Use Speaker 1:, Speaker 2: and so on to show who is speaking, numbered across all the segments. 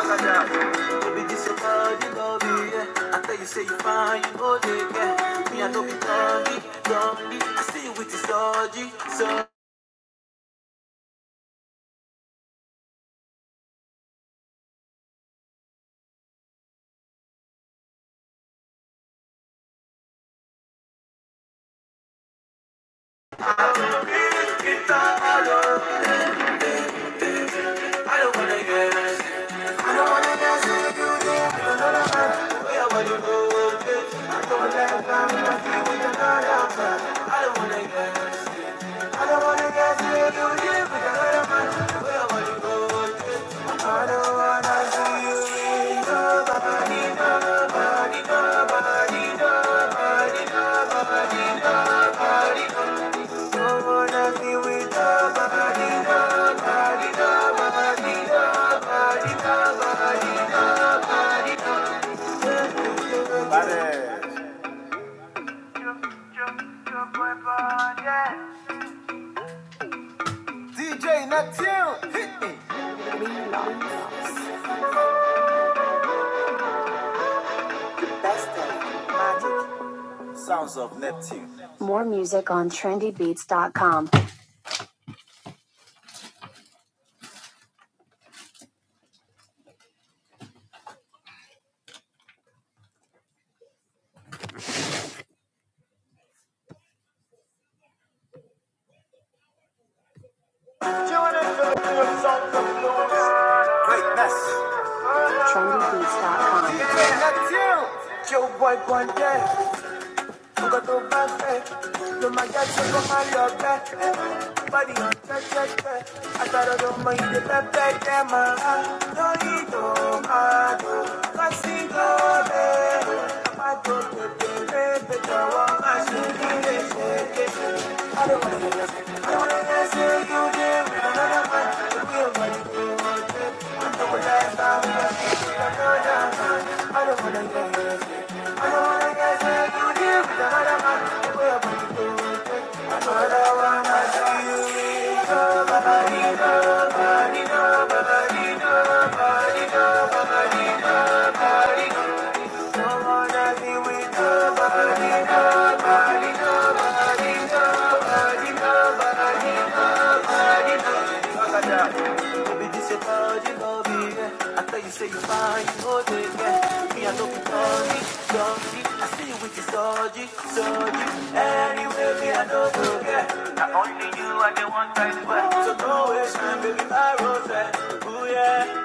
Speaker 1: You this your body, body, yeah. I tell you, say you fine, you go take care. Me, I don't be dummy, dummy. I see you with the orgy, so. I don't wanna guess. I don't wanna guess if you did. I don't know the man. Where your body go, bitch. I don't wanna guess. I'm in a few with I don't wanna guess. I don't wanna guess if you did with another man. Where your body wanna see DJ Sounds of Neptune. More music on trendybeats.com. Greatness. Trendybeats.com. DJ Neptune. Joe Boy Bondel. You got to perfect. No my God, you my love back. Body, check, check, check. I thought I don't mind the perfect, yeah, man. No, you don't, man. Cause you got it. I don't get the baby, the one I should be the I don't wanna hear I don't wanna hear you there with another man. Don't be a man. Say you fine, you hold it, yeah. Me, I don't be sorry, sorry. I see you with your sorry, sorry. Anyway, me, I don't know, yeah. So yeah.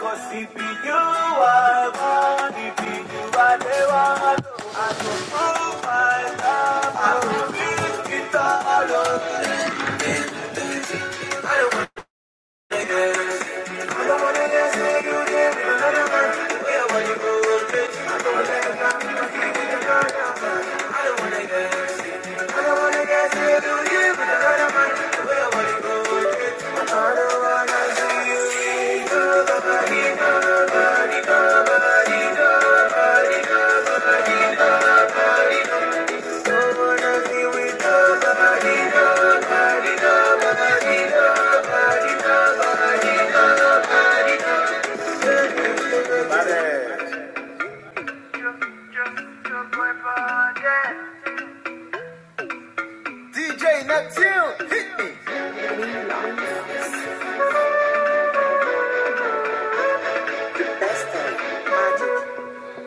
Speaker 1: DJ Neptune, hit me.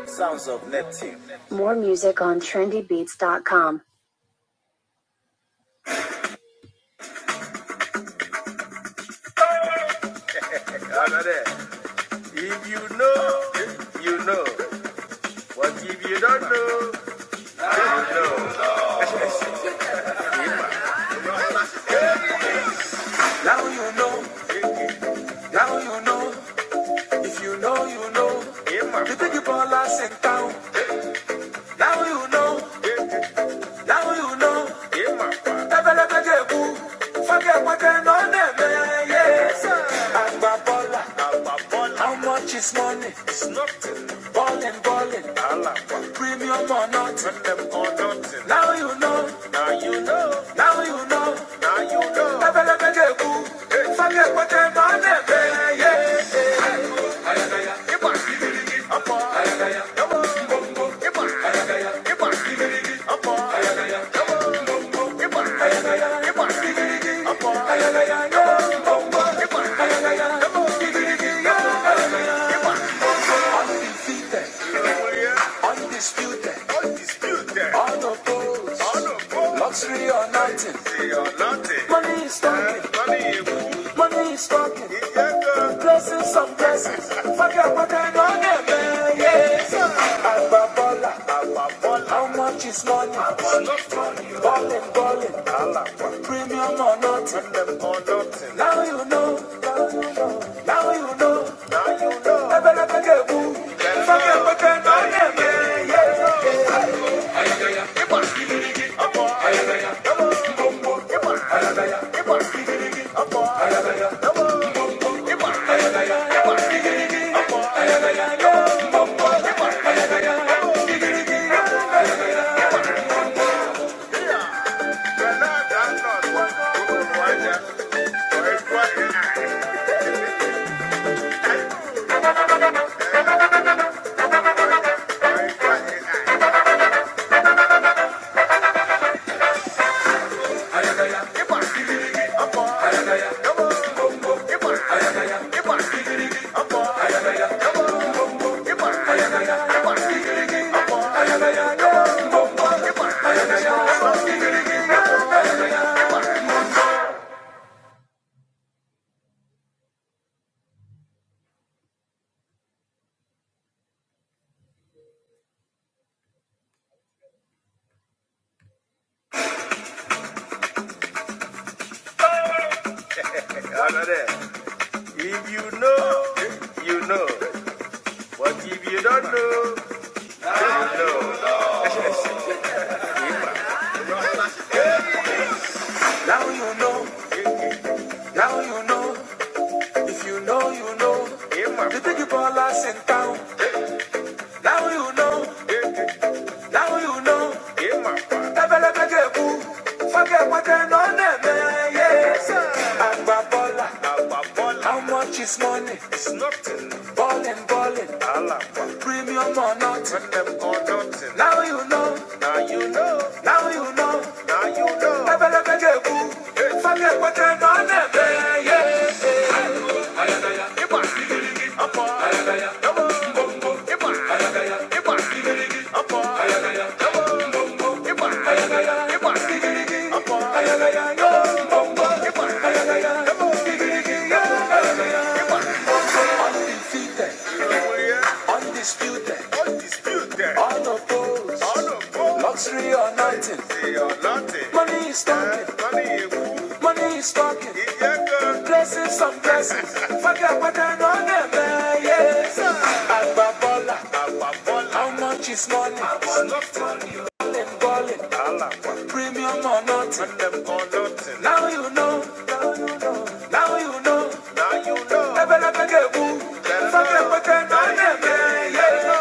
Speaker 1: Sounds of Neptune. More music on trendybeats.com. Over there. If you know, you know. What if you don't know, now you know. Now you know, if you know, you know. Yeah, You think you ball last in town. Now you know, now you know. Yeah, forget what they know, they yes. how much is money? It's nothing. Ballin', ballin', premium or nothing. Now you know, now you know. Now you know. forget what they know, they may, yes. I know. Undisputed, undisputed, unopposed, unopposed, luxury or nothing. Money is talking, money is talking. Blessings on blessings. Fuck Forget what I know, never, yes. Abba Bola, How much is money? Ballin', ballin'. Premium or nothing. or nothing. Now you know. Now you know. Now you know. Ebe na peke bu. Fake peke no nebe. If you know, you know. But if you don't know, no. Now you know. Now you know. If you know, you know. Yeah, ma. You think you call us in town. Now you know. Yeah. Now you know. Yeah, ma. Ebelebekegu. Forget what I know, name, Yes. Agba bola. Agba bola. How much is money? It's nothing. Ballin', ballin'. Alaba. Premium or nothing. them or nothing. Now you know. Now you know. Now you know. Now you know. Ebelebekegu. Forget what I know, name, Yes. How much is money? Ballin', ballin', Premium or nothing. Premium or nothing. Now you know, now you know. Now you know. Never let me get boo. Fuck it, know. but then Now I am never, yeah.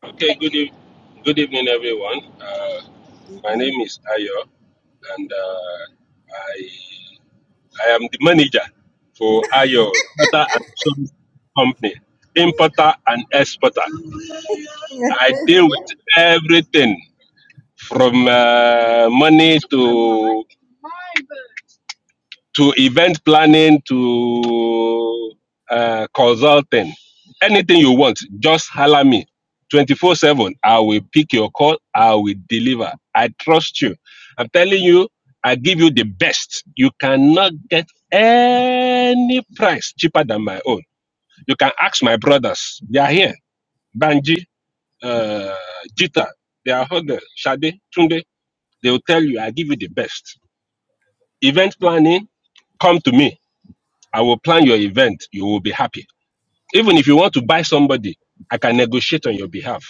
Speaker 2: Okay, good, eve- good evening, everyone. Uh, my name is Ayo, and uh, I, I am the manager for Ayo Tata and Sons Company, importer and exporter. I deal with everything from uh, money to to event planning to uh, consulting, anything you want, just holler me. 24 7, I will pick your call, I will deliver. I trust you. I'm telling you, I give you the best. You cannot get any price cheaper than my own. You can ask my brothers, they are here. Banji, uh, Jita, they are here. Shade, Tunde, they will tell you, I give you the best. Event planning, come to me. I will plan your event. You will be happy. Even if you want to buy somebody, I can negotiate on your behalf.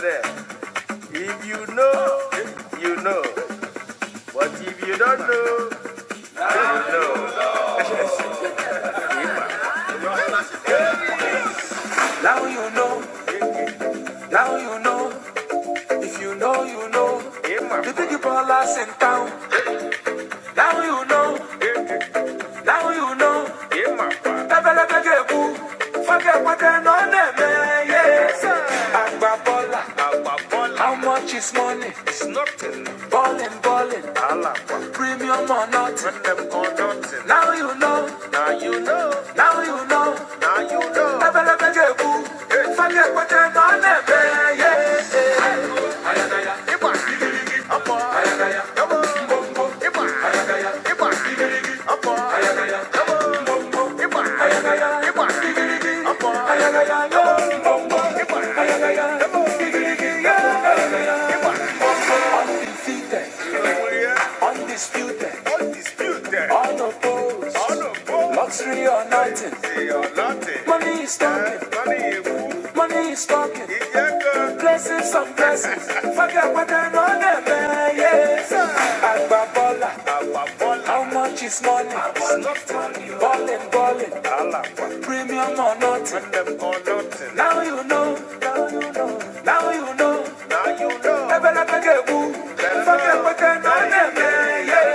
Speaker 1: there. If you know, you know. But if you don't know, you know. Now you know, now you know. If you know, you know. You think you boy. biggie ballers in town. Now you know, Now you know. Lẹ́bẹ̀lẹ́bẹ̀gẹ̀kú. Fọ́kẹ́pọ́kẹ́ náà nẹ̀mẹ́. Yes. Àgbà bọ́là. How much is money? It's nothing. Ballin', ballin'. Premium or nothing. Now you know. Now you know. Lẹ́bẹ̀lẹ́bẹ̀gẹ̀kú. Fọ́kẹ́pọ́kẹ́ náà nẹ̀mẹ́. Yes. Ọmọ ayagaya. Mbombo. Undefeated. Undisputed, Undisputed, unopposed, unopposed, luxury or nothing. they are nothing. Money is talking, Money is talking. ìyẹn gan. Blessings on blessings, forget what I know them, eh, yes. Agbabola, how much is money? Ballin', ballin', àlàpà, Premium or nothing. Bring or nothing. Now you know. Now you know. Now you know. Now you know. Ebele keke wu. Better Ifake Yeah.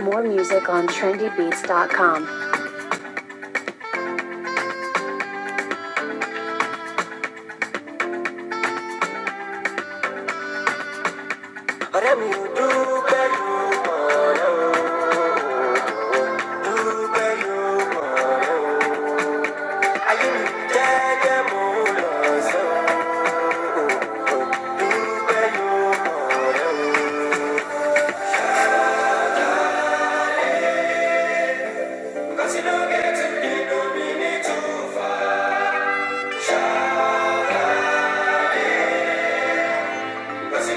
Speaker 1: More music on trendybeats.com. Ọ̀rẹ́ mi ò dúpẹ́ lọ́wọ́, dúpẹ́ lọ́wọ́. Ayé mi jẹ́jẹ́ mo lọ sọ́ọ́, dúpẹ́ lọ́wọ́ rẹ o. 'Cause you don't get to be no minute too far. It's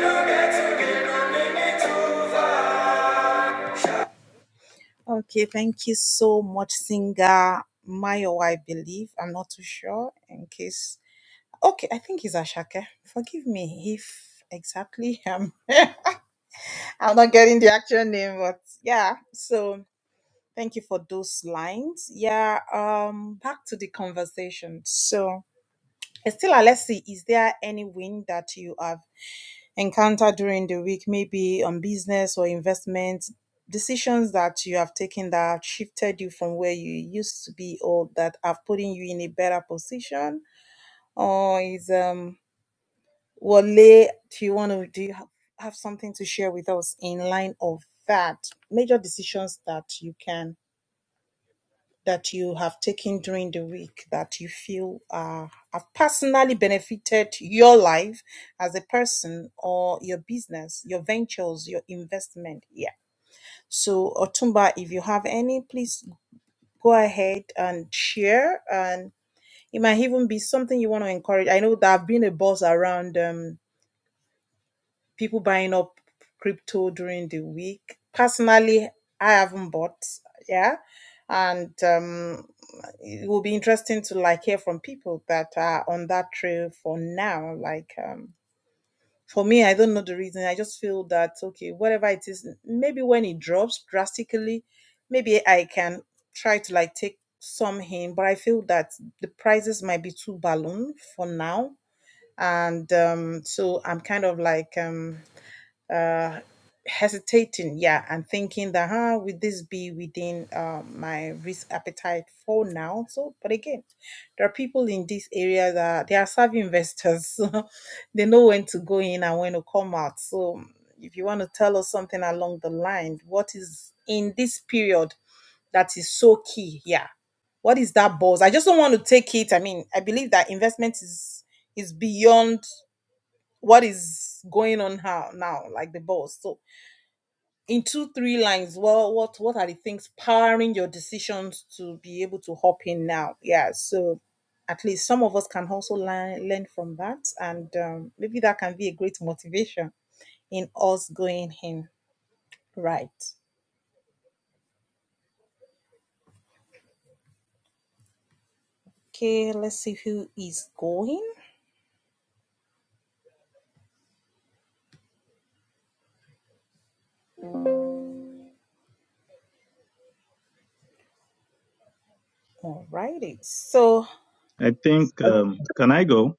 Speaker 3: I think, um, can I go?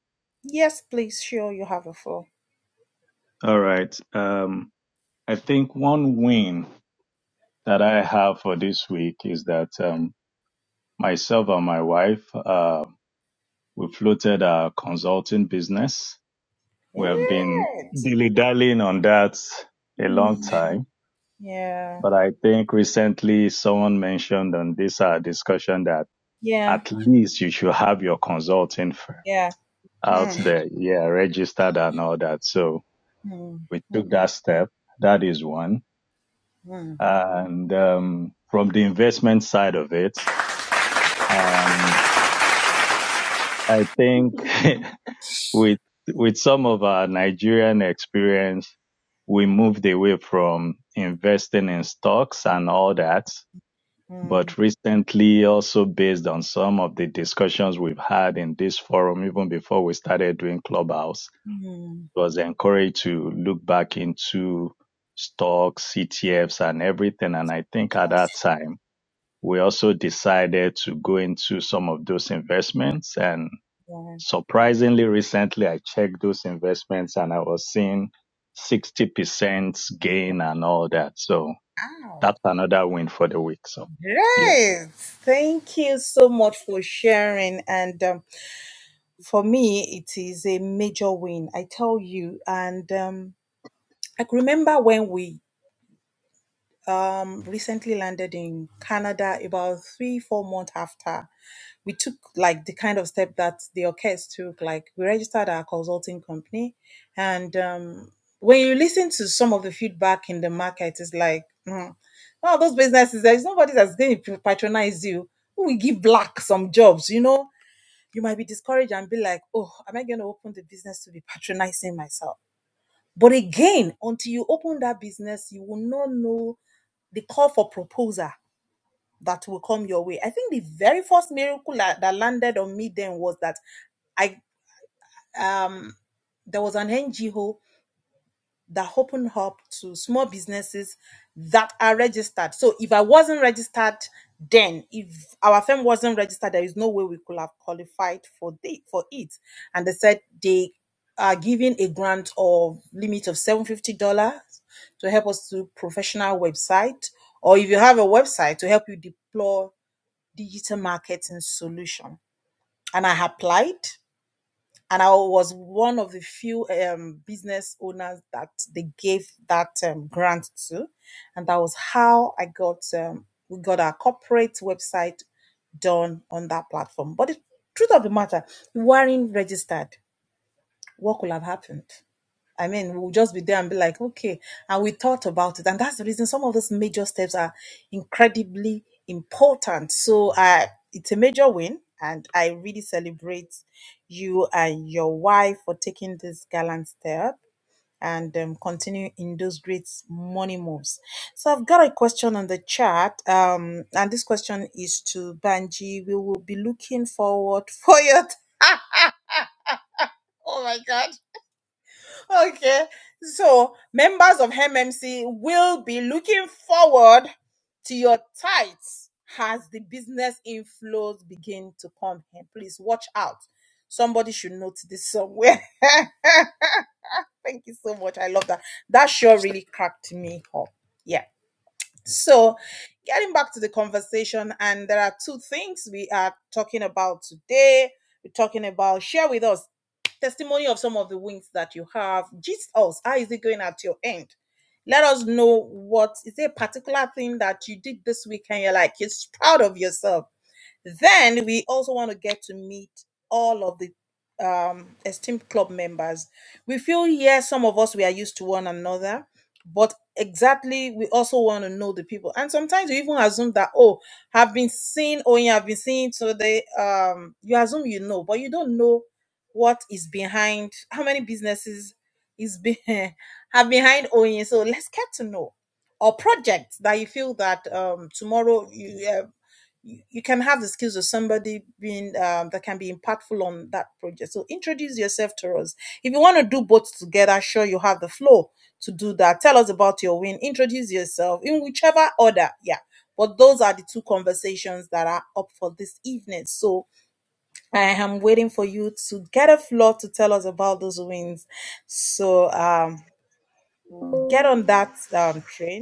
Speaker 3: All right. Um, I think one win that I have for this week is that um, myself and my wife, uh, we floated a consulting business. We have been dilly dallying on that a long time. But I think recently someone mentioned on this uh, discussion that at least you should have your consulting firm out there. Yeah, registered and all that. So we took that step. That is one. And um, from the investment side of it, um, I think with with some of our Nigerian experience, we moved away from investing in stocks and all that. But recently, also based on some of the discussions we've had in this forum, even before we started doing Clubhouse, was encouraged to look back into stocks, ETFs, and everything. And I think at that time. we also decided to go into some of those investments. And surprisingly, recently I checked those investments and I was seeing 60% gain and all that. So that's another win for the week. So yeah,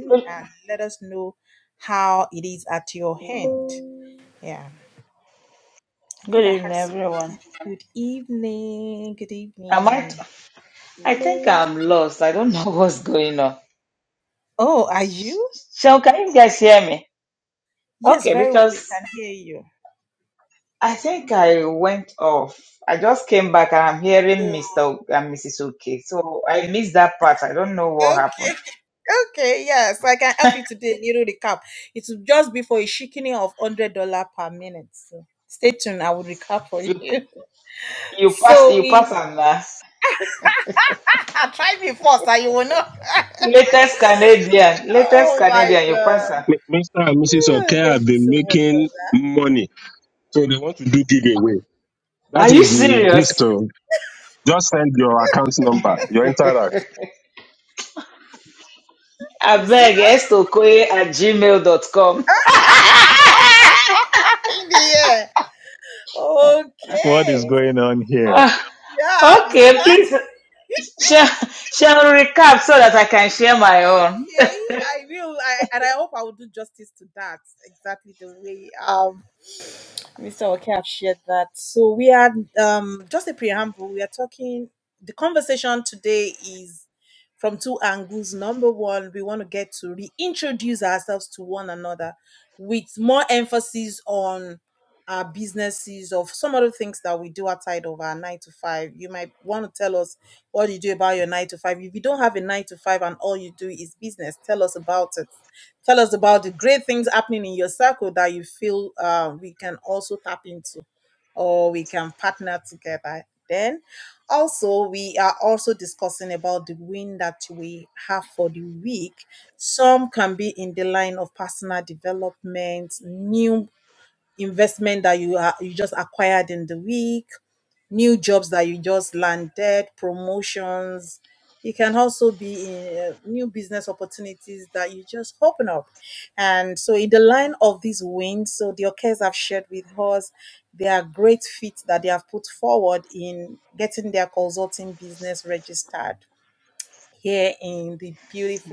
Speaker 4: Good good evening, everyone. I might. I think I'm lost. I don't know what's going on. So, can you guys hear me? Okay, because I think I went off. I just came back and I'm hearing Mr. O- and Mrs. Okay. So I missed that part. I don't know what happened. You you pass you pass on that latest Canadian latest Canadian you pass on.
Speaker 2: M- Mr. and Mrs. Okay have been making money, so they want to do giveaway.
Speaker 4: Are
Speaker 2: That
Speaker 4: you
Speaker 2: is the gist
Speaker 4: serious?
Speaker 2: of. Just send your account number, your interact.
Speaker 4: I beg s at gmail.com.
Speaker 3: what is going on here?
Speaker 4: Okay, please share. Share recap so that I can share my own.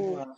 Speaker 4: Wow.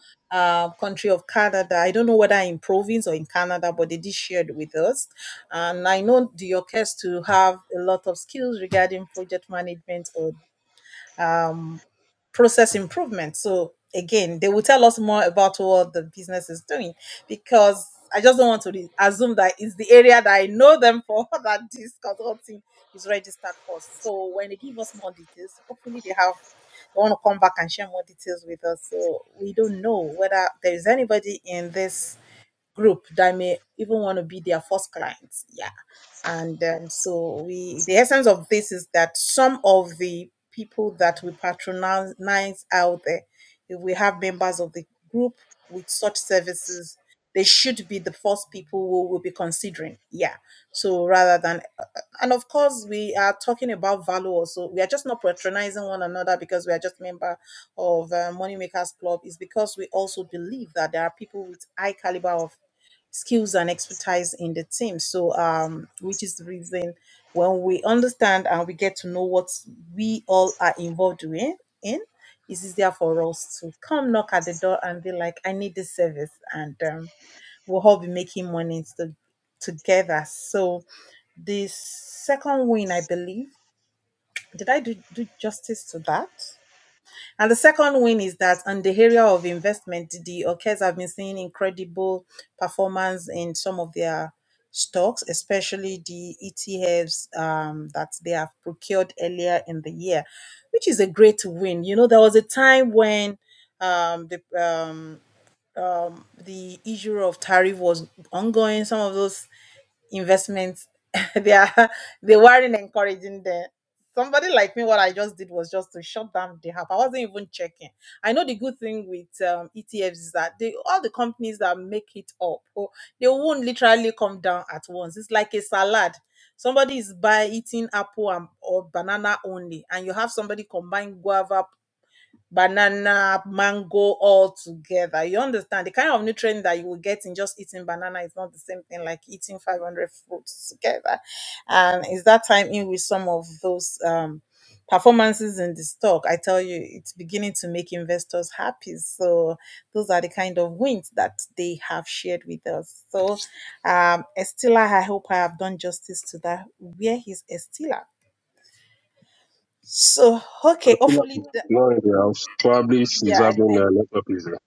Speaker 2: No, in the house. Probably she's having a lot of business.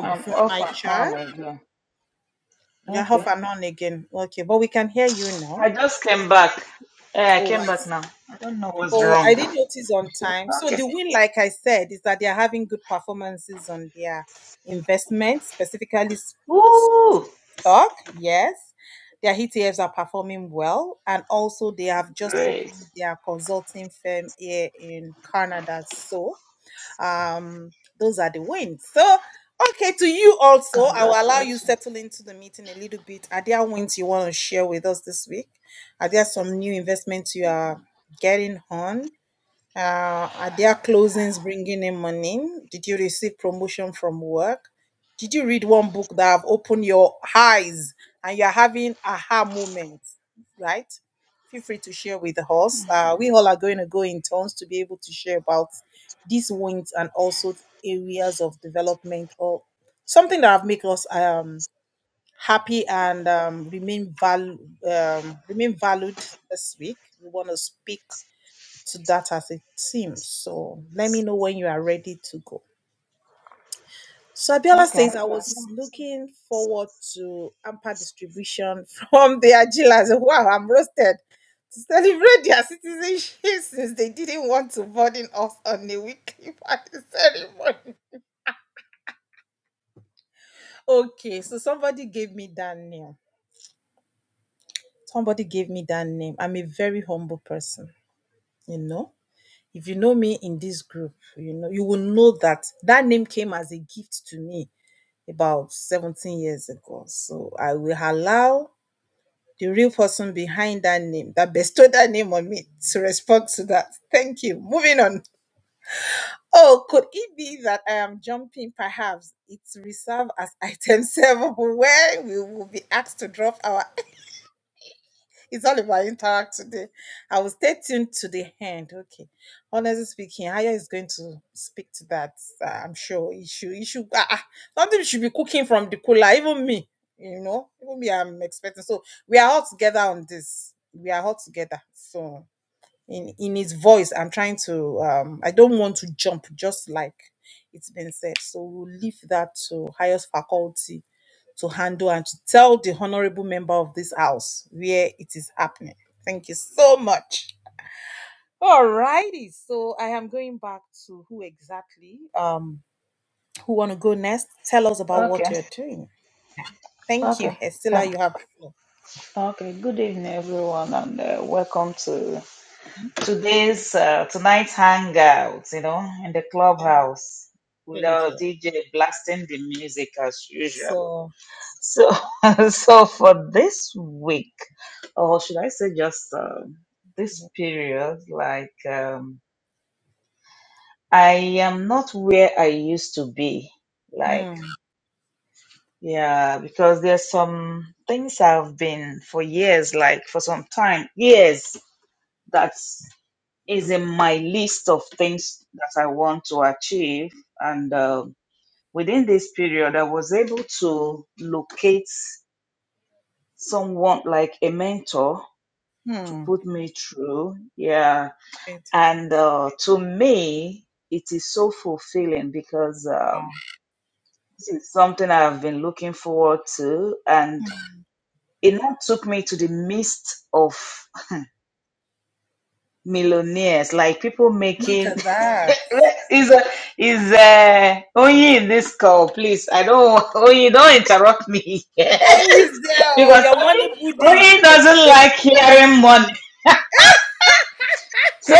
Speaker 4: I'm off and on again. Okay. I just came back. Eh, I came back now. I don't know what's wrong. Okay. Woo! Great. Congratulations. Okay. Okay. Okay. Come. okay. Good evening, everyone, and uh, welcome to today's uh, tonight's hangout, you know, in the clubhouse with our DJ blasting the music as usual. So, so for this week, or should I say, just uh, this period, like um, I am not where I used to be. Like, yeah, because there's some things I've been for years, like for some time, years. That's is in my list of things that I want to achieve. And um within this period, I was able to locate someone like a mentor to put me through. Yeah. And uh, to me, it is so fulfilling because um, this is something I have been looking forward to. And it not took me to the midst of millionaires, like people making is a is a only in this call, please. I don't only don't interrupt me. Yes. Because only only doesn't like hearing money. So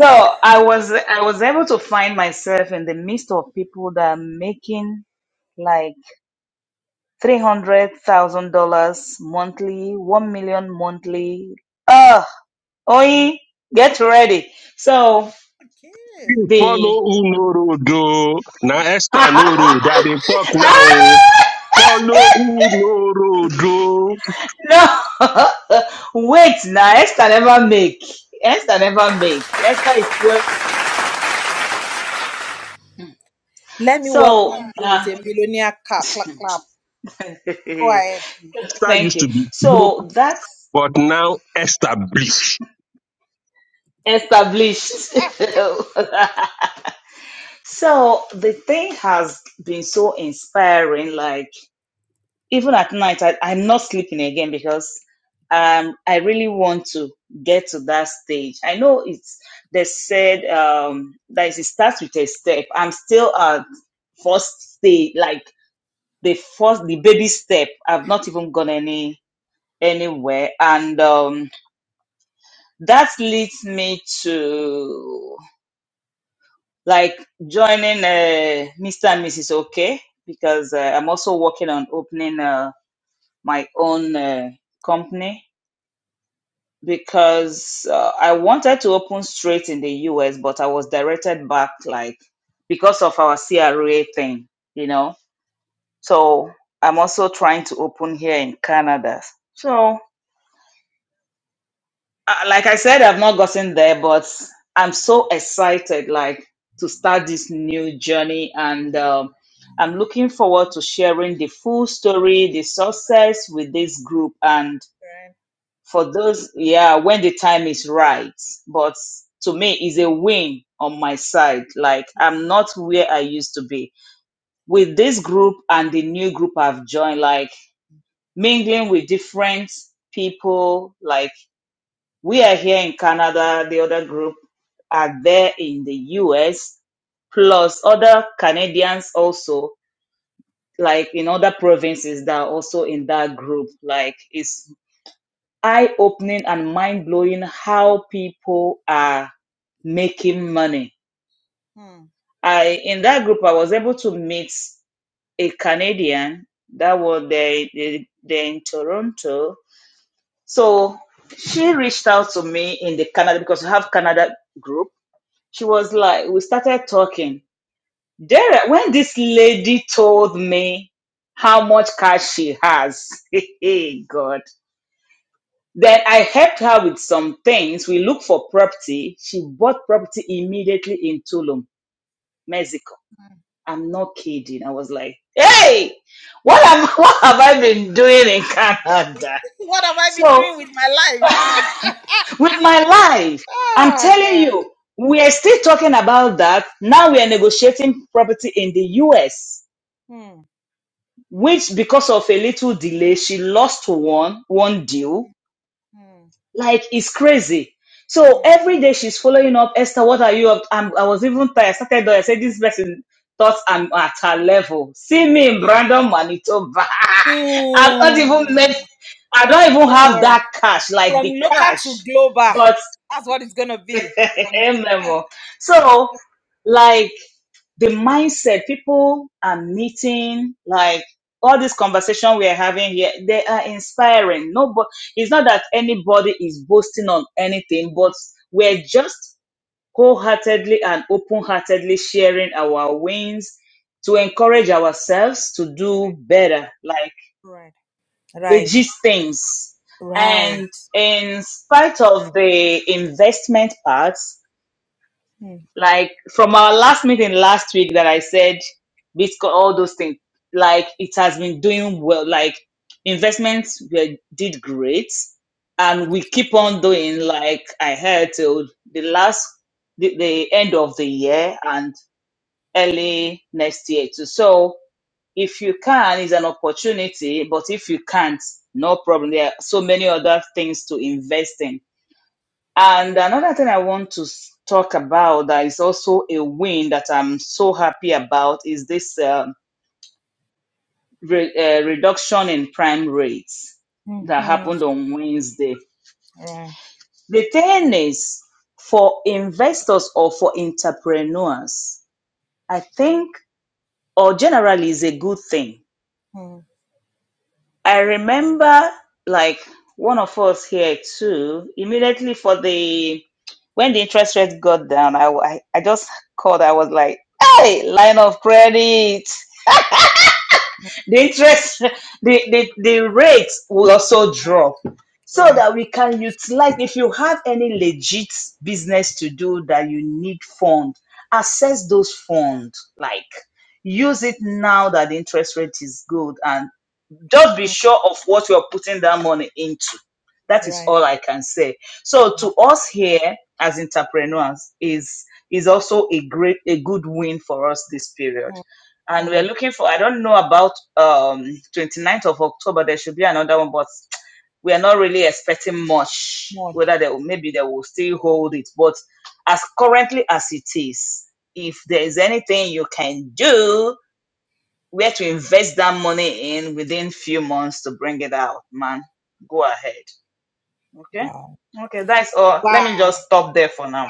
Speaker 4: so I was I was able to find myself in the midst of people that are making like three hundred thousand dollars monthly, one million monthly. Oh Oyi, get ready. So the
Speaker 2: Follow who no road oh. Now Esther no road. That they talk now. oh. Follow who no road oh.
Speaker 4: no, wait now. Esther never make. Esther never make. Esther is still so. Uh,
Speaker 2: Esther
Speaker 4: thank
Speaker 2: used
Speaker 4: you.
Speaker 2: to be broke,
Speaker 4: So that's
Speaker 2: but now Esther bleach.
Speaker 4: established. so the thing has been so inspiring. Like even at night I, i'm not sleeping again because um i really want to get to that stage i know it's they said um that it starts with a step i'm still at first stage like the first the baby step i've not even gone any anywhere and um that leads me to like joining uh, mr and mrs okay because uh, i'm also working on opening uh, my own uh, company because uh, I wanted to open straight in the US, but I was directed back, like, because of our CRA thing, you know. So I'm also trying to open here in Canada. So, uh, like I said, I've not gotten there, but I'm so excited, like, to start this new journey. And um, I'm looking forward to sharing the full story, the success with this group. And for those yeah when the time is right but to me is a win on my side like i'm not where i used to be with this group and the new group i've joined like mingling with different people like we are here in canada the other group are there in the us plus other canadians also like in other provinces that are also in that group like it's eye opening and mind blowing how people are making money. I in that group I was able to meet a Canadian that was there, there there in Toronto. So she reached out to me in the Canada because we have Canada group. She was like, we started talking. There, when this lady told me how much cash she has, hey God, Then I helped her with some things. We looked for property. She bought property immediately in Tulum, Mexico. I'm not kidding. I was like, hey, what, am, what have I been doing in Canada? So, with my life, I'm telling you, we are still talking about that. Now we are negotiating property in the US, which because of a little delay, she lost one, one deal Like it's crazy. So every day she's following up. Esther, what are you up? I'm, I was even tired. I started. I said this person thought I'm at her level. See me in Brandon, Manitoba. I'm not even made. I don't even have that cash, like the cash. But memo. So like the mindset people are meeting like all this conversation we are having here they are inspiring nobody it's not that anybody is boasting on anything but we're just wholeheartedly and open-heartedly sharing our wins to encourage ourselves to do better like legit things and in spite of the investment parts. Like from our last meeting last week that I said Bitcoin, all those things, like it has been doing well. Like investments were, did great, and we keep on doing like I heard till the last the, the end of the year and early next year too. So if you can, it's an opportunity. But if you can't, no problem. There are so many other things to invest in. And another thing I want to s- talk about that is also a win that I'm so happy about is this um re- uh, reduction in prime rates that happened on Wednesday. The thing is, for investors or for entrepreneurs, I think, or generally, is a good thing I remember like one of us here too, immediately for the when the interest rate got down, I, I, I just called, I was like, hey, line of credit. The interest the, the, the rate will also drop. So that we can utilize if you have any legit business to do that you need fund, access those funds. Like use it now that the interest rate is good and just be sure of what you're putting that money into. That is all I can say. So to us here as entrepreneurs is is also a great a good win for us this period. And we're looking for I don't know about um ninth of October there should be another one but we are not really expecting much whether they will maybe they will still hold it but as currently as it is if there is anything you can do we had to invest that money in within few months to bring it out, man. Go ahead. Okay? Okay, that's all. Let me just stop there for now.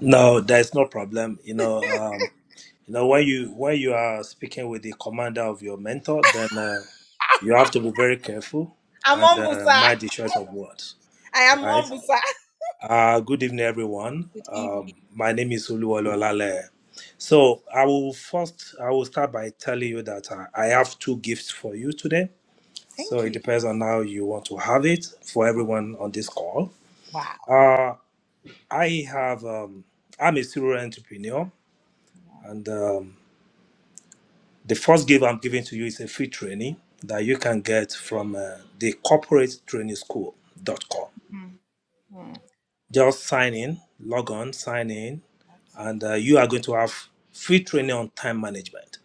Speaker 5: No, there is no problem. You know, um, you know when you when you are speaking with the commander of your mentor, then uh, you have to be very careful and uh, mind the choice of words, right? Uh, good evening, everyone. Um, my name is Oluwalo Olale. So I will first I will start by telling you that uh, I have two gifts for you today. So it depends on how you want to have it for everyone on this call. Uh, I have um, I'm a serial entrepreneur And um, the first gift I'm giving to you is a free training that you can get from uh, the corporate training school.com. Just sign in, log on, sign in, and uh, you are going to have free training on time management.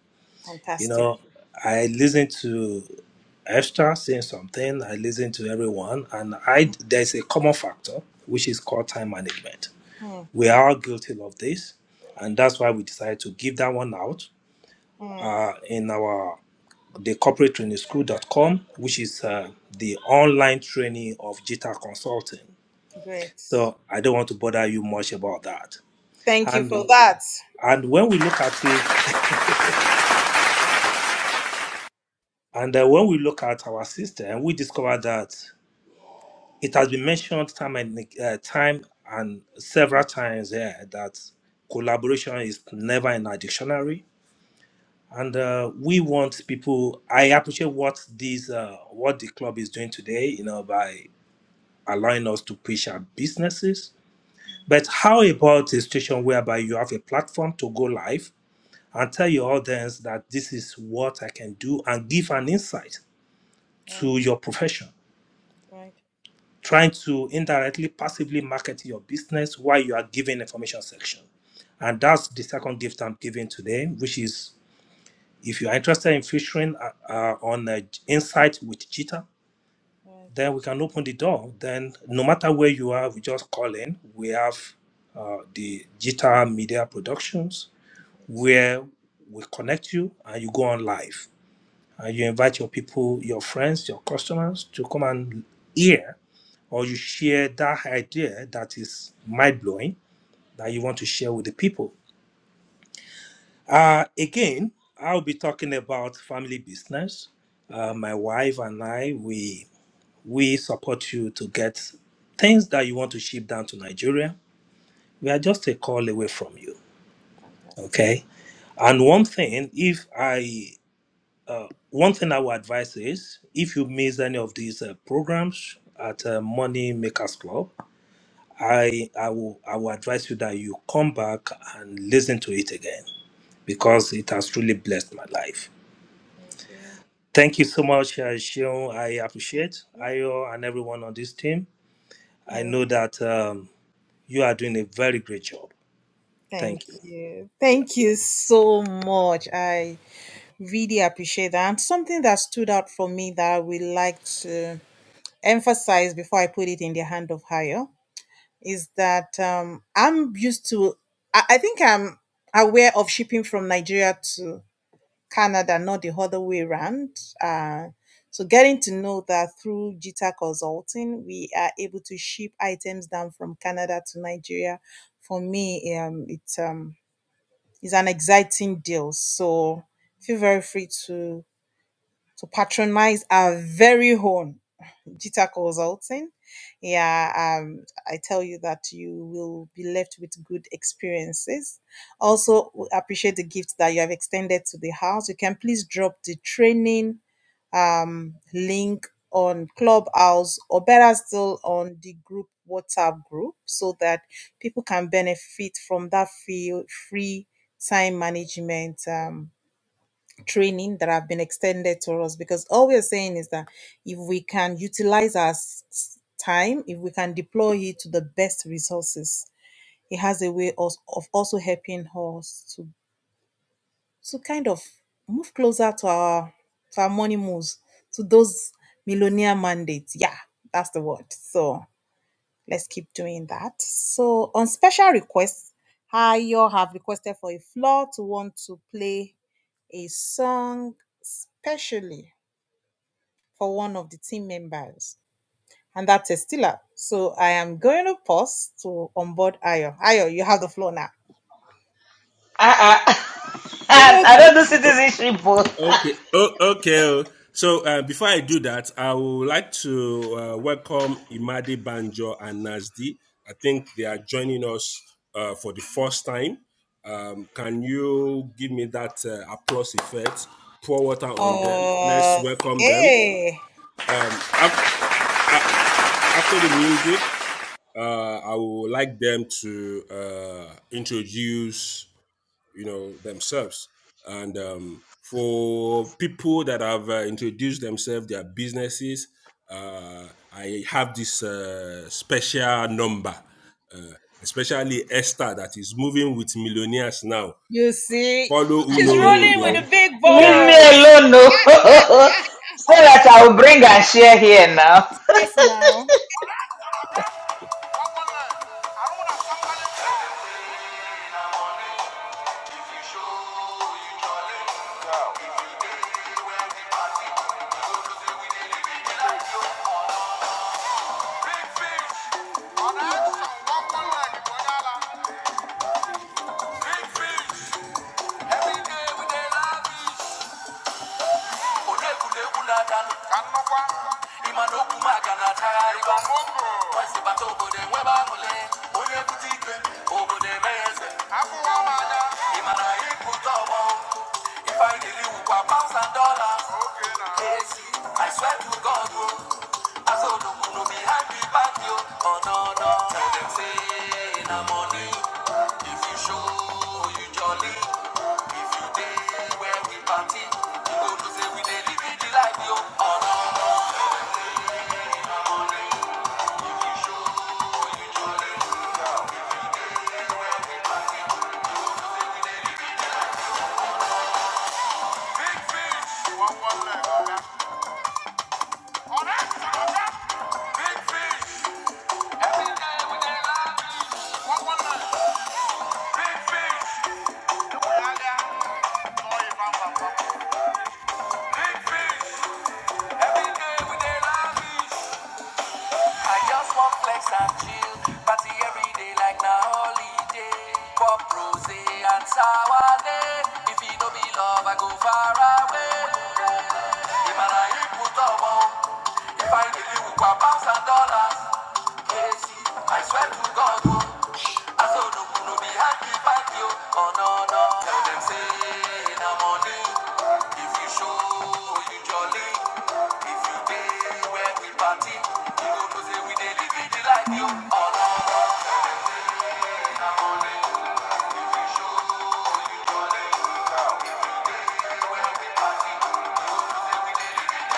Speaker 5: You know, I listen to Esther saying something, I listen to everyone, and I there's a common factor which is called time management. We are all guilty of this, and that's why we decided to give that one out in our the corporate training school dot com, which is uh, the online training of Jita Consulting. So I don't want to bother you much about that. And and when we look at it, and uh, when we look at our system, we discover that it has been mentioned time and uh, time and several times here that collaboration is never in our dictionary. And uh, we want people. I appreciate what these uh, what the club is doing today. You know, by allowing us to push our businesses. But how about a situation whereby you have a platform to go live and tell your audience that this is what I can do and give an insight to your profession, trying to indirectly, passively market your business while you are giving information section. And that's the second gift I'm giving today, which is if you are interested in featuring uh, uh, on uh, Insight with Cheetah, then we can open the door. Then no matter where you are, we just call in. We have uh, the Jita Media Productions where we connect you and you go on live and you invite your people, your friends, your customers to come and hear or you share that idea that is mind blowing that you want to share with the people. Uh, again, I'll be talking about family business. Uh, my wife and I, we we support you to get things that you want to ship down to Nigeria. We are just a call away from you. Okay. And one thing, if I, one thing I would advise is if you miss any of these uh, programs at uh, Money Makers Club, I, I will, I will advise you that you come back and listen to it again because it has truly blessed my life. Thank you so much, uh, Shion. I appreciate Ayo and everyone on this team. I know that. Um, You are doing a very great job. Thank you. Yeah.
Speaker 4: Uh-uh. I don't do
Speaker 2: O-
Speaker 4: citizenship, but
Speaker 2: Okay. Oh, okay. oh. So uh, before I do that, I would like to uh, welcome Imade Banjo and Nazdi. I think they are joining us uh, for the first time. Um, can you give me that uh, applause effect? Pour water on them. Let's welcome them. Um, af- a- after the music, uh, I would like them to uh, introduce you know themselves and um, for people that have uh, introduced themselves their businesses uh, i have this uh, special number uh, especially esther that is moving with millionaires now follow uno
Speaker 4: leave me,
Speaker 2: road oh.
Speaker 4: leave
Speaker 2: yeah
Speaker 4: me alone, no. so that I will bring and share here now.
Speaker 2: Big fish. Ọ̀nà-àṣà wọ́pọ̀lọ́ ẹ̀dìbọ̀dá la. Big fish. Every day we dey fish. Odegwuregwu na-adanụ, Ka nnukwu ahụ. ịma na okwu m aga na-achagharịba. Omogo. Wesi bata obodo enwebe aṅụle, onye bute ike, obodo eme ya eze. Afụwa m anya. Ịma na anyị bụ ụtọ ọgbọ, ife anyị pounds and dollars. Oge na. Yes, I swear to God, oh, I saw the moon be happy back you. Oh no no, tell them say na money. If you show you jolly, if you day where we party, you go to say we dey live the life yo. Oh no no, you jolly, say we dey live it. Big fish, one want one leg, on it, on it. big fish. Every day we dey laugh, one one leg. Big fish. I just want flex and chill, party every day like na holiday. Pop rosé and sour day. If it don't be love, I go far away. ìmọ̀ràn yìí kú tọ̀wọ́ ìfàìdílé wùpà pàṣẹ dọ́là kérésì I swear to God I o be happy, hákì pàdé o ọ̀nà ọ̀nà tell them say na money if you show you jolly if you dey where we party you go know say we dey live the life o ọ̀nà ọ̀nà na money if you show you jolly if you dey where we party you go know say we dey live the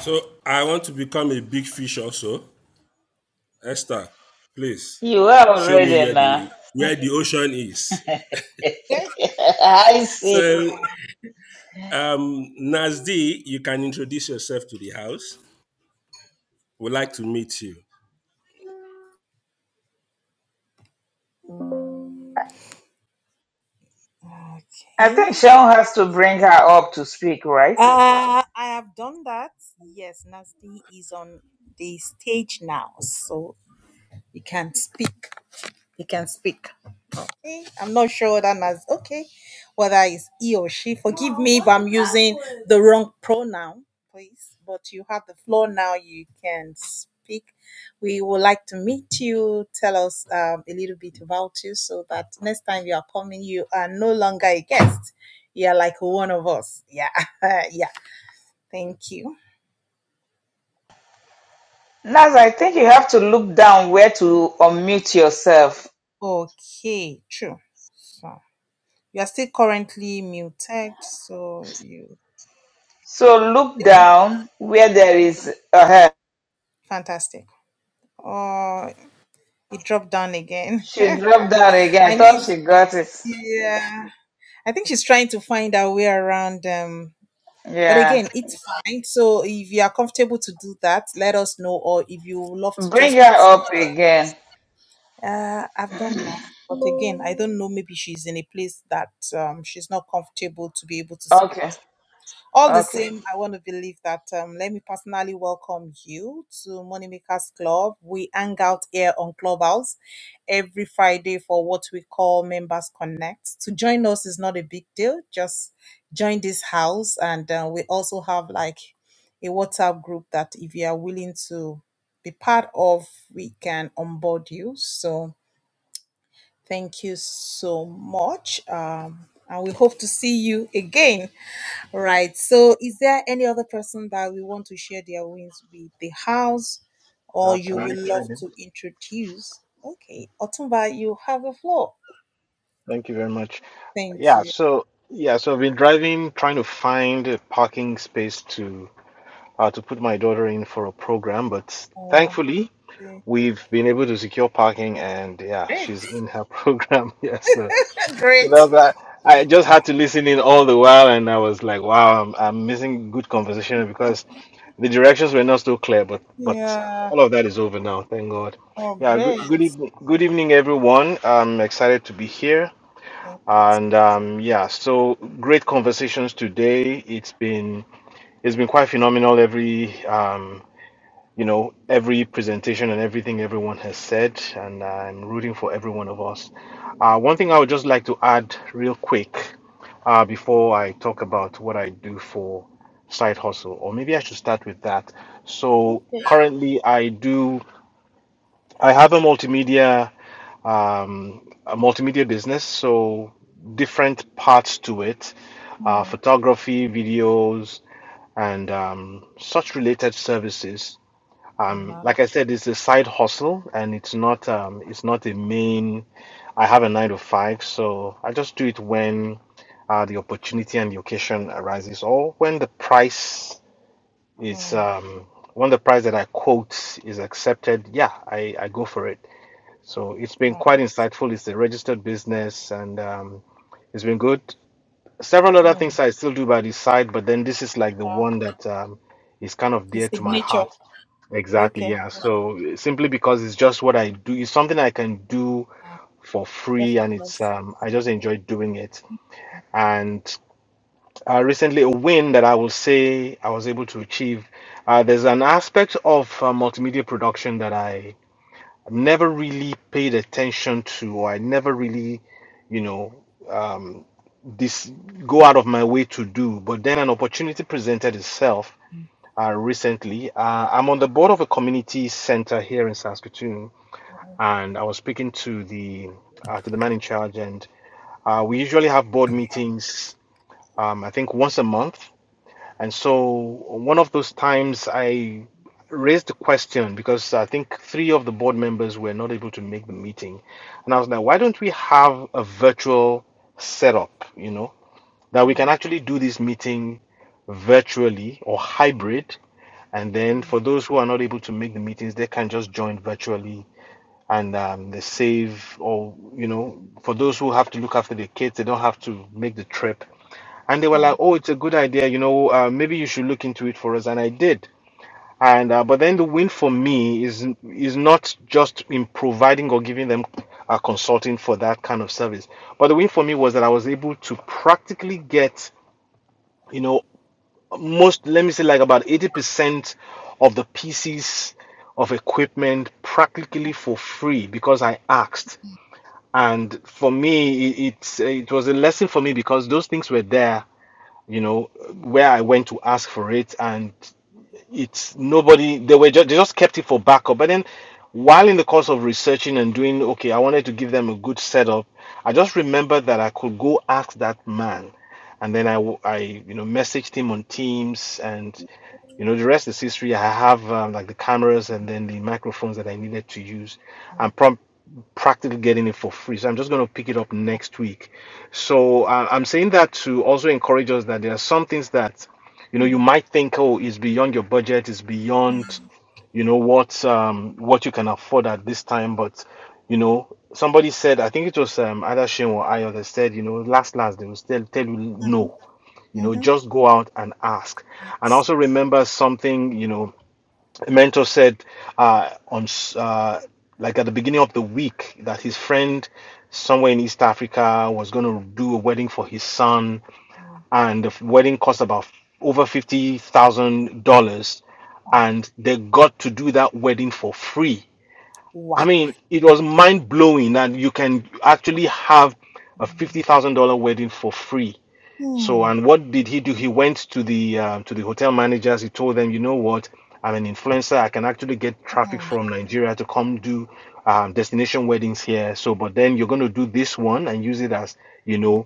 Speaker 2: So I want to become a big fish also. Esther, please
Speaker 4: You are
Speaker 2: show me
Speaker 4: already
Speaker 2: where
Speaker 4: now.
Speaker 2: the where the ocean is.
Speaker 4: I see.
Speaker 2: So um Nazdi, you can introduce yourself to the house. We'd like to meet you.
Speaker 4: I think Shaun has to bring her up to speak, right? Naz, I think you have to look down where to unmute yourself. So look down where there is a head. She dropped down again. I thought she got it. Yeah. Bring her up again. Okay. Okay.
Speaker 6: Uh, can I chime in? Thank you very much. Yeah, so yeah, so I've been driving trying to find a parking space to uh, to put my daughter in for a program, but thankfully we've been able to secure parking and yeah, she's in her program. Yeah, so so that was that. I just had to listen in all the while and I was like, wow, I'm, I'm missing good conversation because the directions were not so clear, but but all of that is over now, thank God. Yeah, good good evening, good evening everyone. I'm excited to be here. And um, yeah, so great conversations today. It's been it's been quite phenomenal. Every um, you know every presentation and everything everyone has said, and I'm rooting for every one of us. Uh, one thing I would just like to add real quick uh, before I talk about what I do for side hustle, or maybe I should start with that. So currently, I do I have a multimedia um, a multimedia business, so different parts to it uh, photography, videos, and um, such related services. Um, like I said, it's a side hustle and it's not um, it's not a main. I have a nine to five, so I just do it when uh, the opportunity and the occasion arises, or when the price is um, when the price that I quote is accepted. Yeah, I, I go for it. So it's been quite insightful. It's a registered business and um, it's been good. Several other things I still do by the side, but then this is like the one that um, is kind of dear to my heart. Exactly, yeah. So uh, simply because it's just what I do, it's something I can do for free and it's um, I just enjoy doing it. And uh, recently, a win that I will say I was able to achieve. Uh, there's an aspect of uh, multimedia production that I never really paid attention to, or I never really, you know, um, this go out of my way to do. But then an opportunity presented itself uh, recently. Uh, I'm on the board of a community center here in Saskatoon, and I was speaking to the uh, to the man in charge, and uh, we usually have board meetings. Um, I think once a month, and so one of those times I raised the question because I think three of the board members were not able to make the meeting. And I was like, why don't we have a virtual setup, you know, that we can actually do this meeting virtually or hybrid. And then for those who are not able to make the meetings, they can just join virtually and um, they save or you know for those who have to look after their kids they don't have to make the trip and they were like oh it's a good idea you know uh, maybe you should look into it for us and i did and uh, but then the win for me is is not just in providing or giving them uh, consulting for that kind of service but the win for me was that i was able to practically get you know most let me say like about 80% of the pieces of equipment practically for free because i asked and for me, it, it's it was a lesson for me because those things were there, you know, where I went to ask for it. and it's nobody they were just they just kept it for backup but then while in the course of researching and doing okay i wanted to give them a good setup i just remembered that i could go ask that man and then i w- I, you know messaged him on teams and you know the rest is history i have um, like the cameras and then the microphones that i needed to use i'm prompt practically getting it for free. So I'm just going to pick it up next week. So uh, I'm saying that to also encourage us that there are some things that you know, you might think, oh, it's beyond your budget, it's beyond, you know, what um what you can afford at this time. But you know, somebody said, I think it was um either Shane or Ayo that said, you know, last last they will still tell you no. You know, just go out and ask. And I also remember something, you know, a mentor said uh on s- uh like at the beginning of the week that his friend somewhere in East Africa was going to do a wedding for his son and the wedding cost about over fifty thousand dollars, and they got to do that wedding for free. I mean, it was mind blowing that you can actually have a fifty thousand dollar wedding for free. So, and what did he do? He went to the um to the hotel managers. He told them, you know what? I'm an influencer. I can actually get traffic from Nigeria to come do um, destination weddings here. So, but then you're going to do this one and use it as you know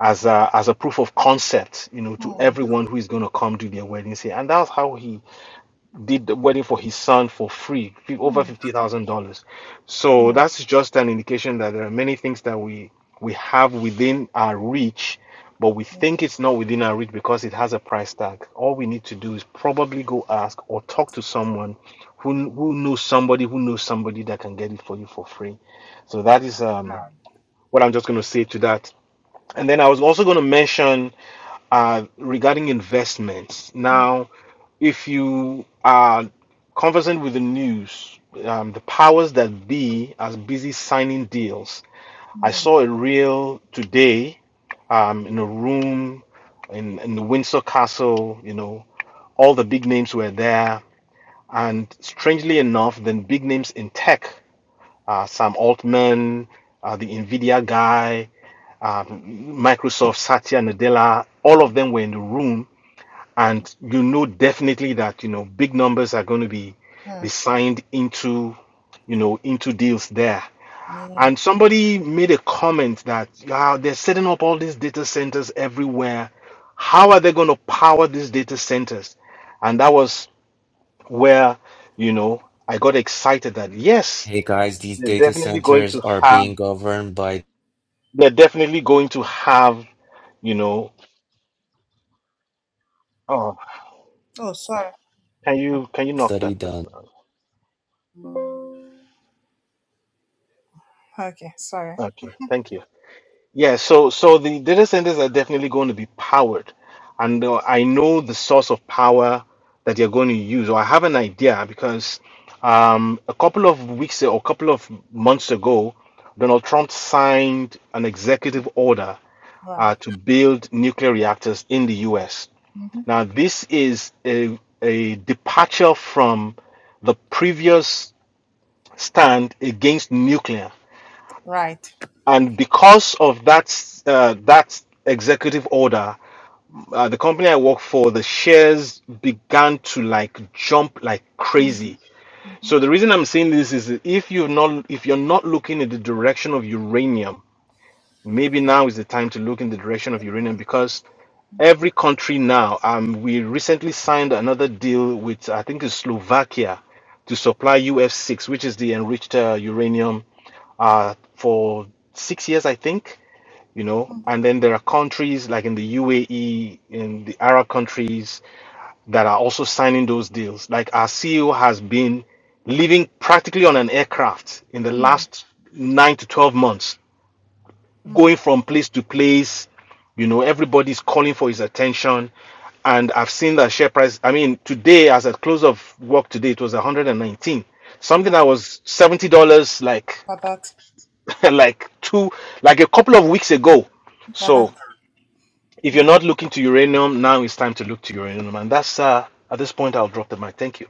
Speaker 6: as a, as a proof of concept, you know, to everyone who is going to come to their wedding. Say, and that's how he did the wedding for his son for free, fi- over fifty thousand dollars. So that's just an indication that there are many things that we we have within our reach, but we think it's not within our reach because it has a price tag. All we need to do is probably go ask or talk to someone who who knows somebody who knows somebody that can get it for you for free. So that is um, what I'm just going to say to that. And then I was also going to mention uh, regarding investments. Now, if you are conversant with the news, um, the powers that be are busy signing deals. I saw a reel today um, in a room in, in the Windsor Castle, you know, all the big names were there. And strangely enough, then big names in tech, uh, Sam Altman, uh, the Nvidia guy, Microsoft, Satya Nadella, all of them were in the room and you know definitely that you know big numbers are going to be be signed into you know into deals there and somebody made a comment that yeah they're setting up all these data centers everywhere how are they going to power these data centers and that was where you know i got excited that yes
Speaker 7: Hey guys, these
Speaker 6: they're
Speaker 7: data
Speaker 6: definitely going
Speaker 7: centers
Speaker 6: to
Speaker 7: are
Speaker 6: have
Speaker 7: being governed by
Speaker 6: they're definitely going to have you know oh can you can you knock
Speaker 7: study
Speaker 6: that
Speaker 7: done.
Speaker 6: person out okay thank you Yeah, so so the data centers are definitely going to be powered, and uh, I know the source of power that they're going to use, or I have an idea because um, a couple of weeks or a couple of months ago, Donald Trump signed an executive order uh, to build nuclear reactors in the U.S. Now, this is a, a departure from the previous stand against nuclear and because of that uh, that executive order uh, the company i work for the shares began to like jump like crazy so the reason i'm saying this is that if you're not if you're not looking at the direction of uranium Maybe now is the time to look in the direction of uranium because every country now, um, we recently signed another deal with, I think it's Slovakia, to supply UF6, which is the enriched uh, uranium, uh, for six years, I think you know and then there are countries like in the UAE in the Arab countries that are also signing those deals like our CEO has been living practically on an aircraft in the last 9 to 12 months going from place to place. You know, everybody's calling for his attention. And I've seen that share price. I mean, today, as at close of work today, it was 119. Something that was $70 like like two like a couple of weeks ago. So if you're not looking to uranium, now it's time to look to uranium. And that's uh at this point I'll drop the mic. Thank you.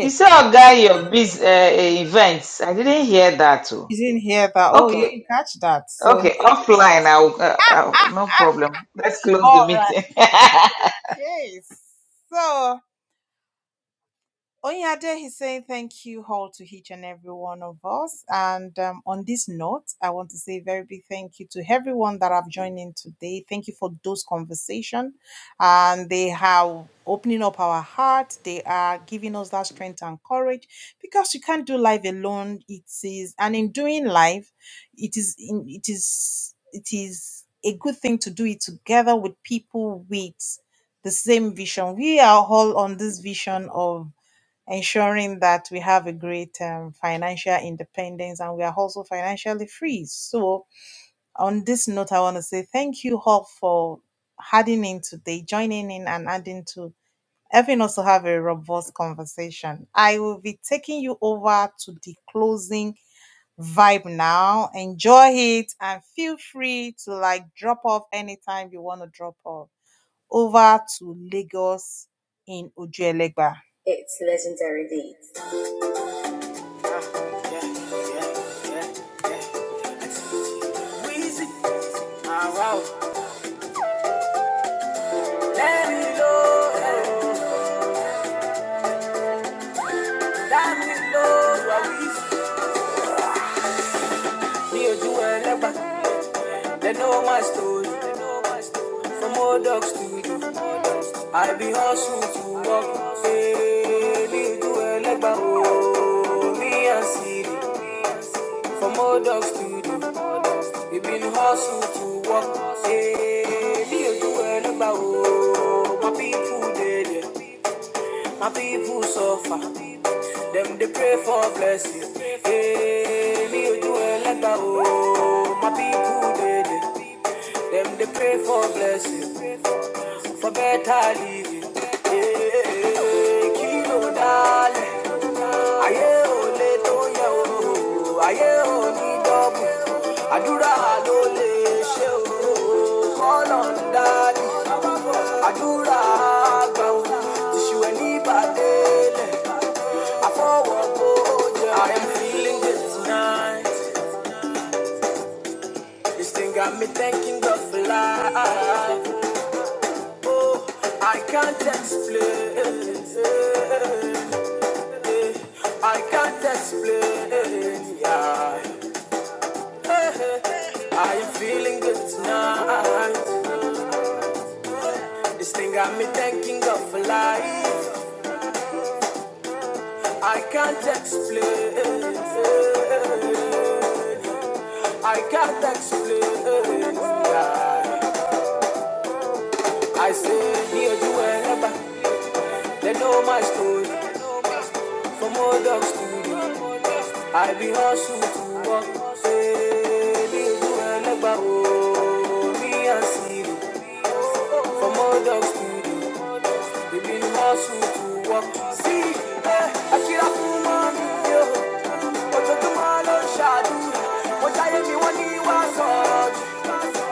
Speaker 4: You saw a guy your biz uh, uh, events. I didn't hear that too. Okay. Okay. Offline. I'll, uh, I'll, no problem. Let's close the meeting.
Speaker 1: legendary D. let me go, eh, let me go, I wish. Me you and Legba, they know my story. From old dog studio, I be hustle to walk. Hey, me and you, hey, hey, hey, kilo darling. I am feeling good tonight. This thing got me thanking God for life. Oh, I can't explain. I can't explain. Yeah. I am feeling good tonight. This thing got me thinking of life. I can't explain. I can't explain. I say here to wherever. They know my story. From old dog studio. I be hustle to work. Baby, you wherever. Oh, me and Siri. From old dog studio. Baby, you must to walk. See, eh, I feel like a woman, But you do my love, shadu. What I am, you want, you are so.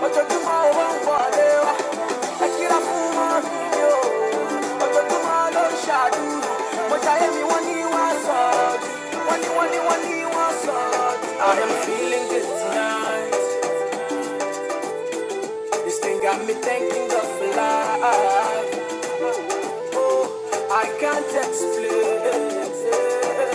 Speaker 1: But you do my own for them. I feel like a woman, But you do my love, shadu. What I am, you want, you are so. What you want, you so. I am feeling good tonight. This thing got me thinking of life. Oh, I can't explain.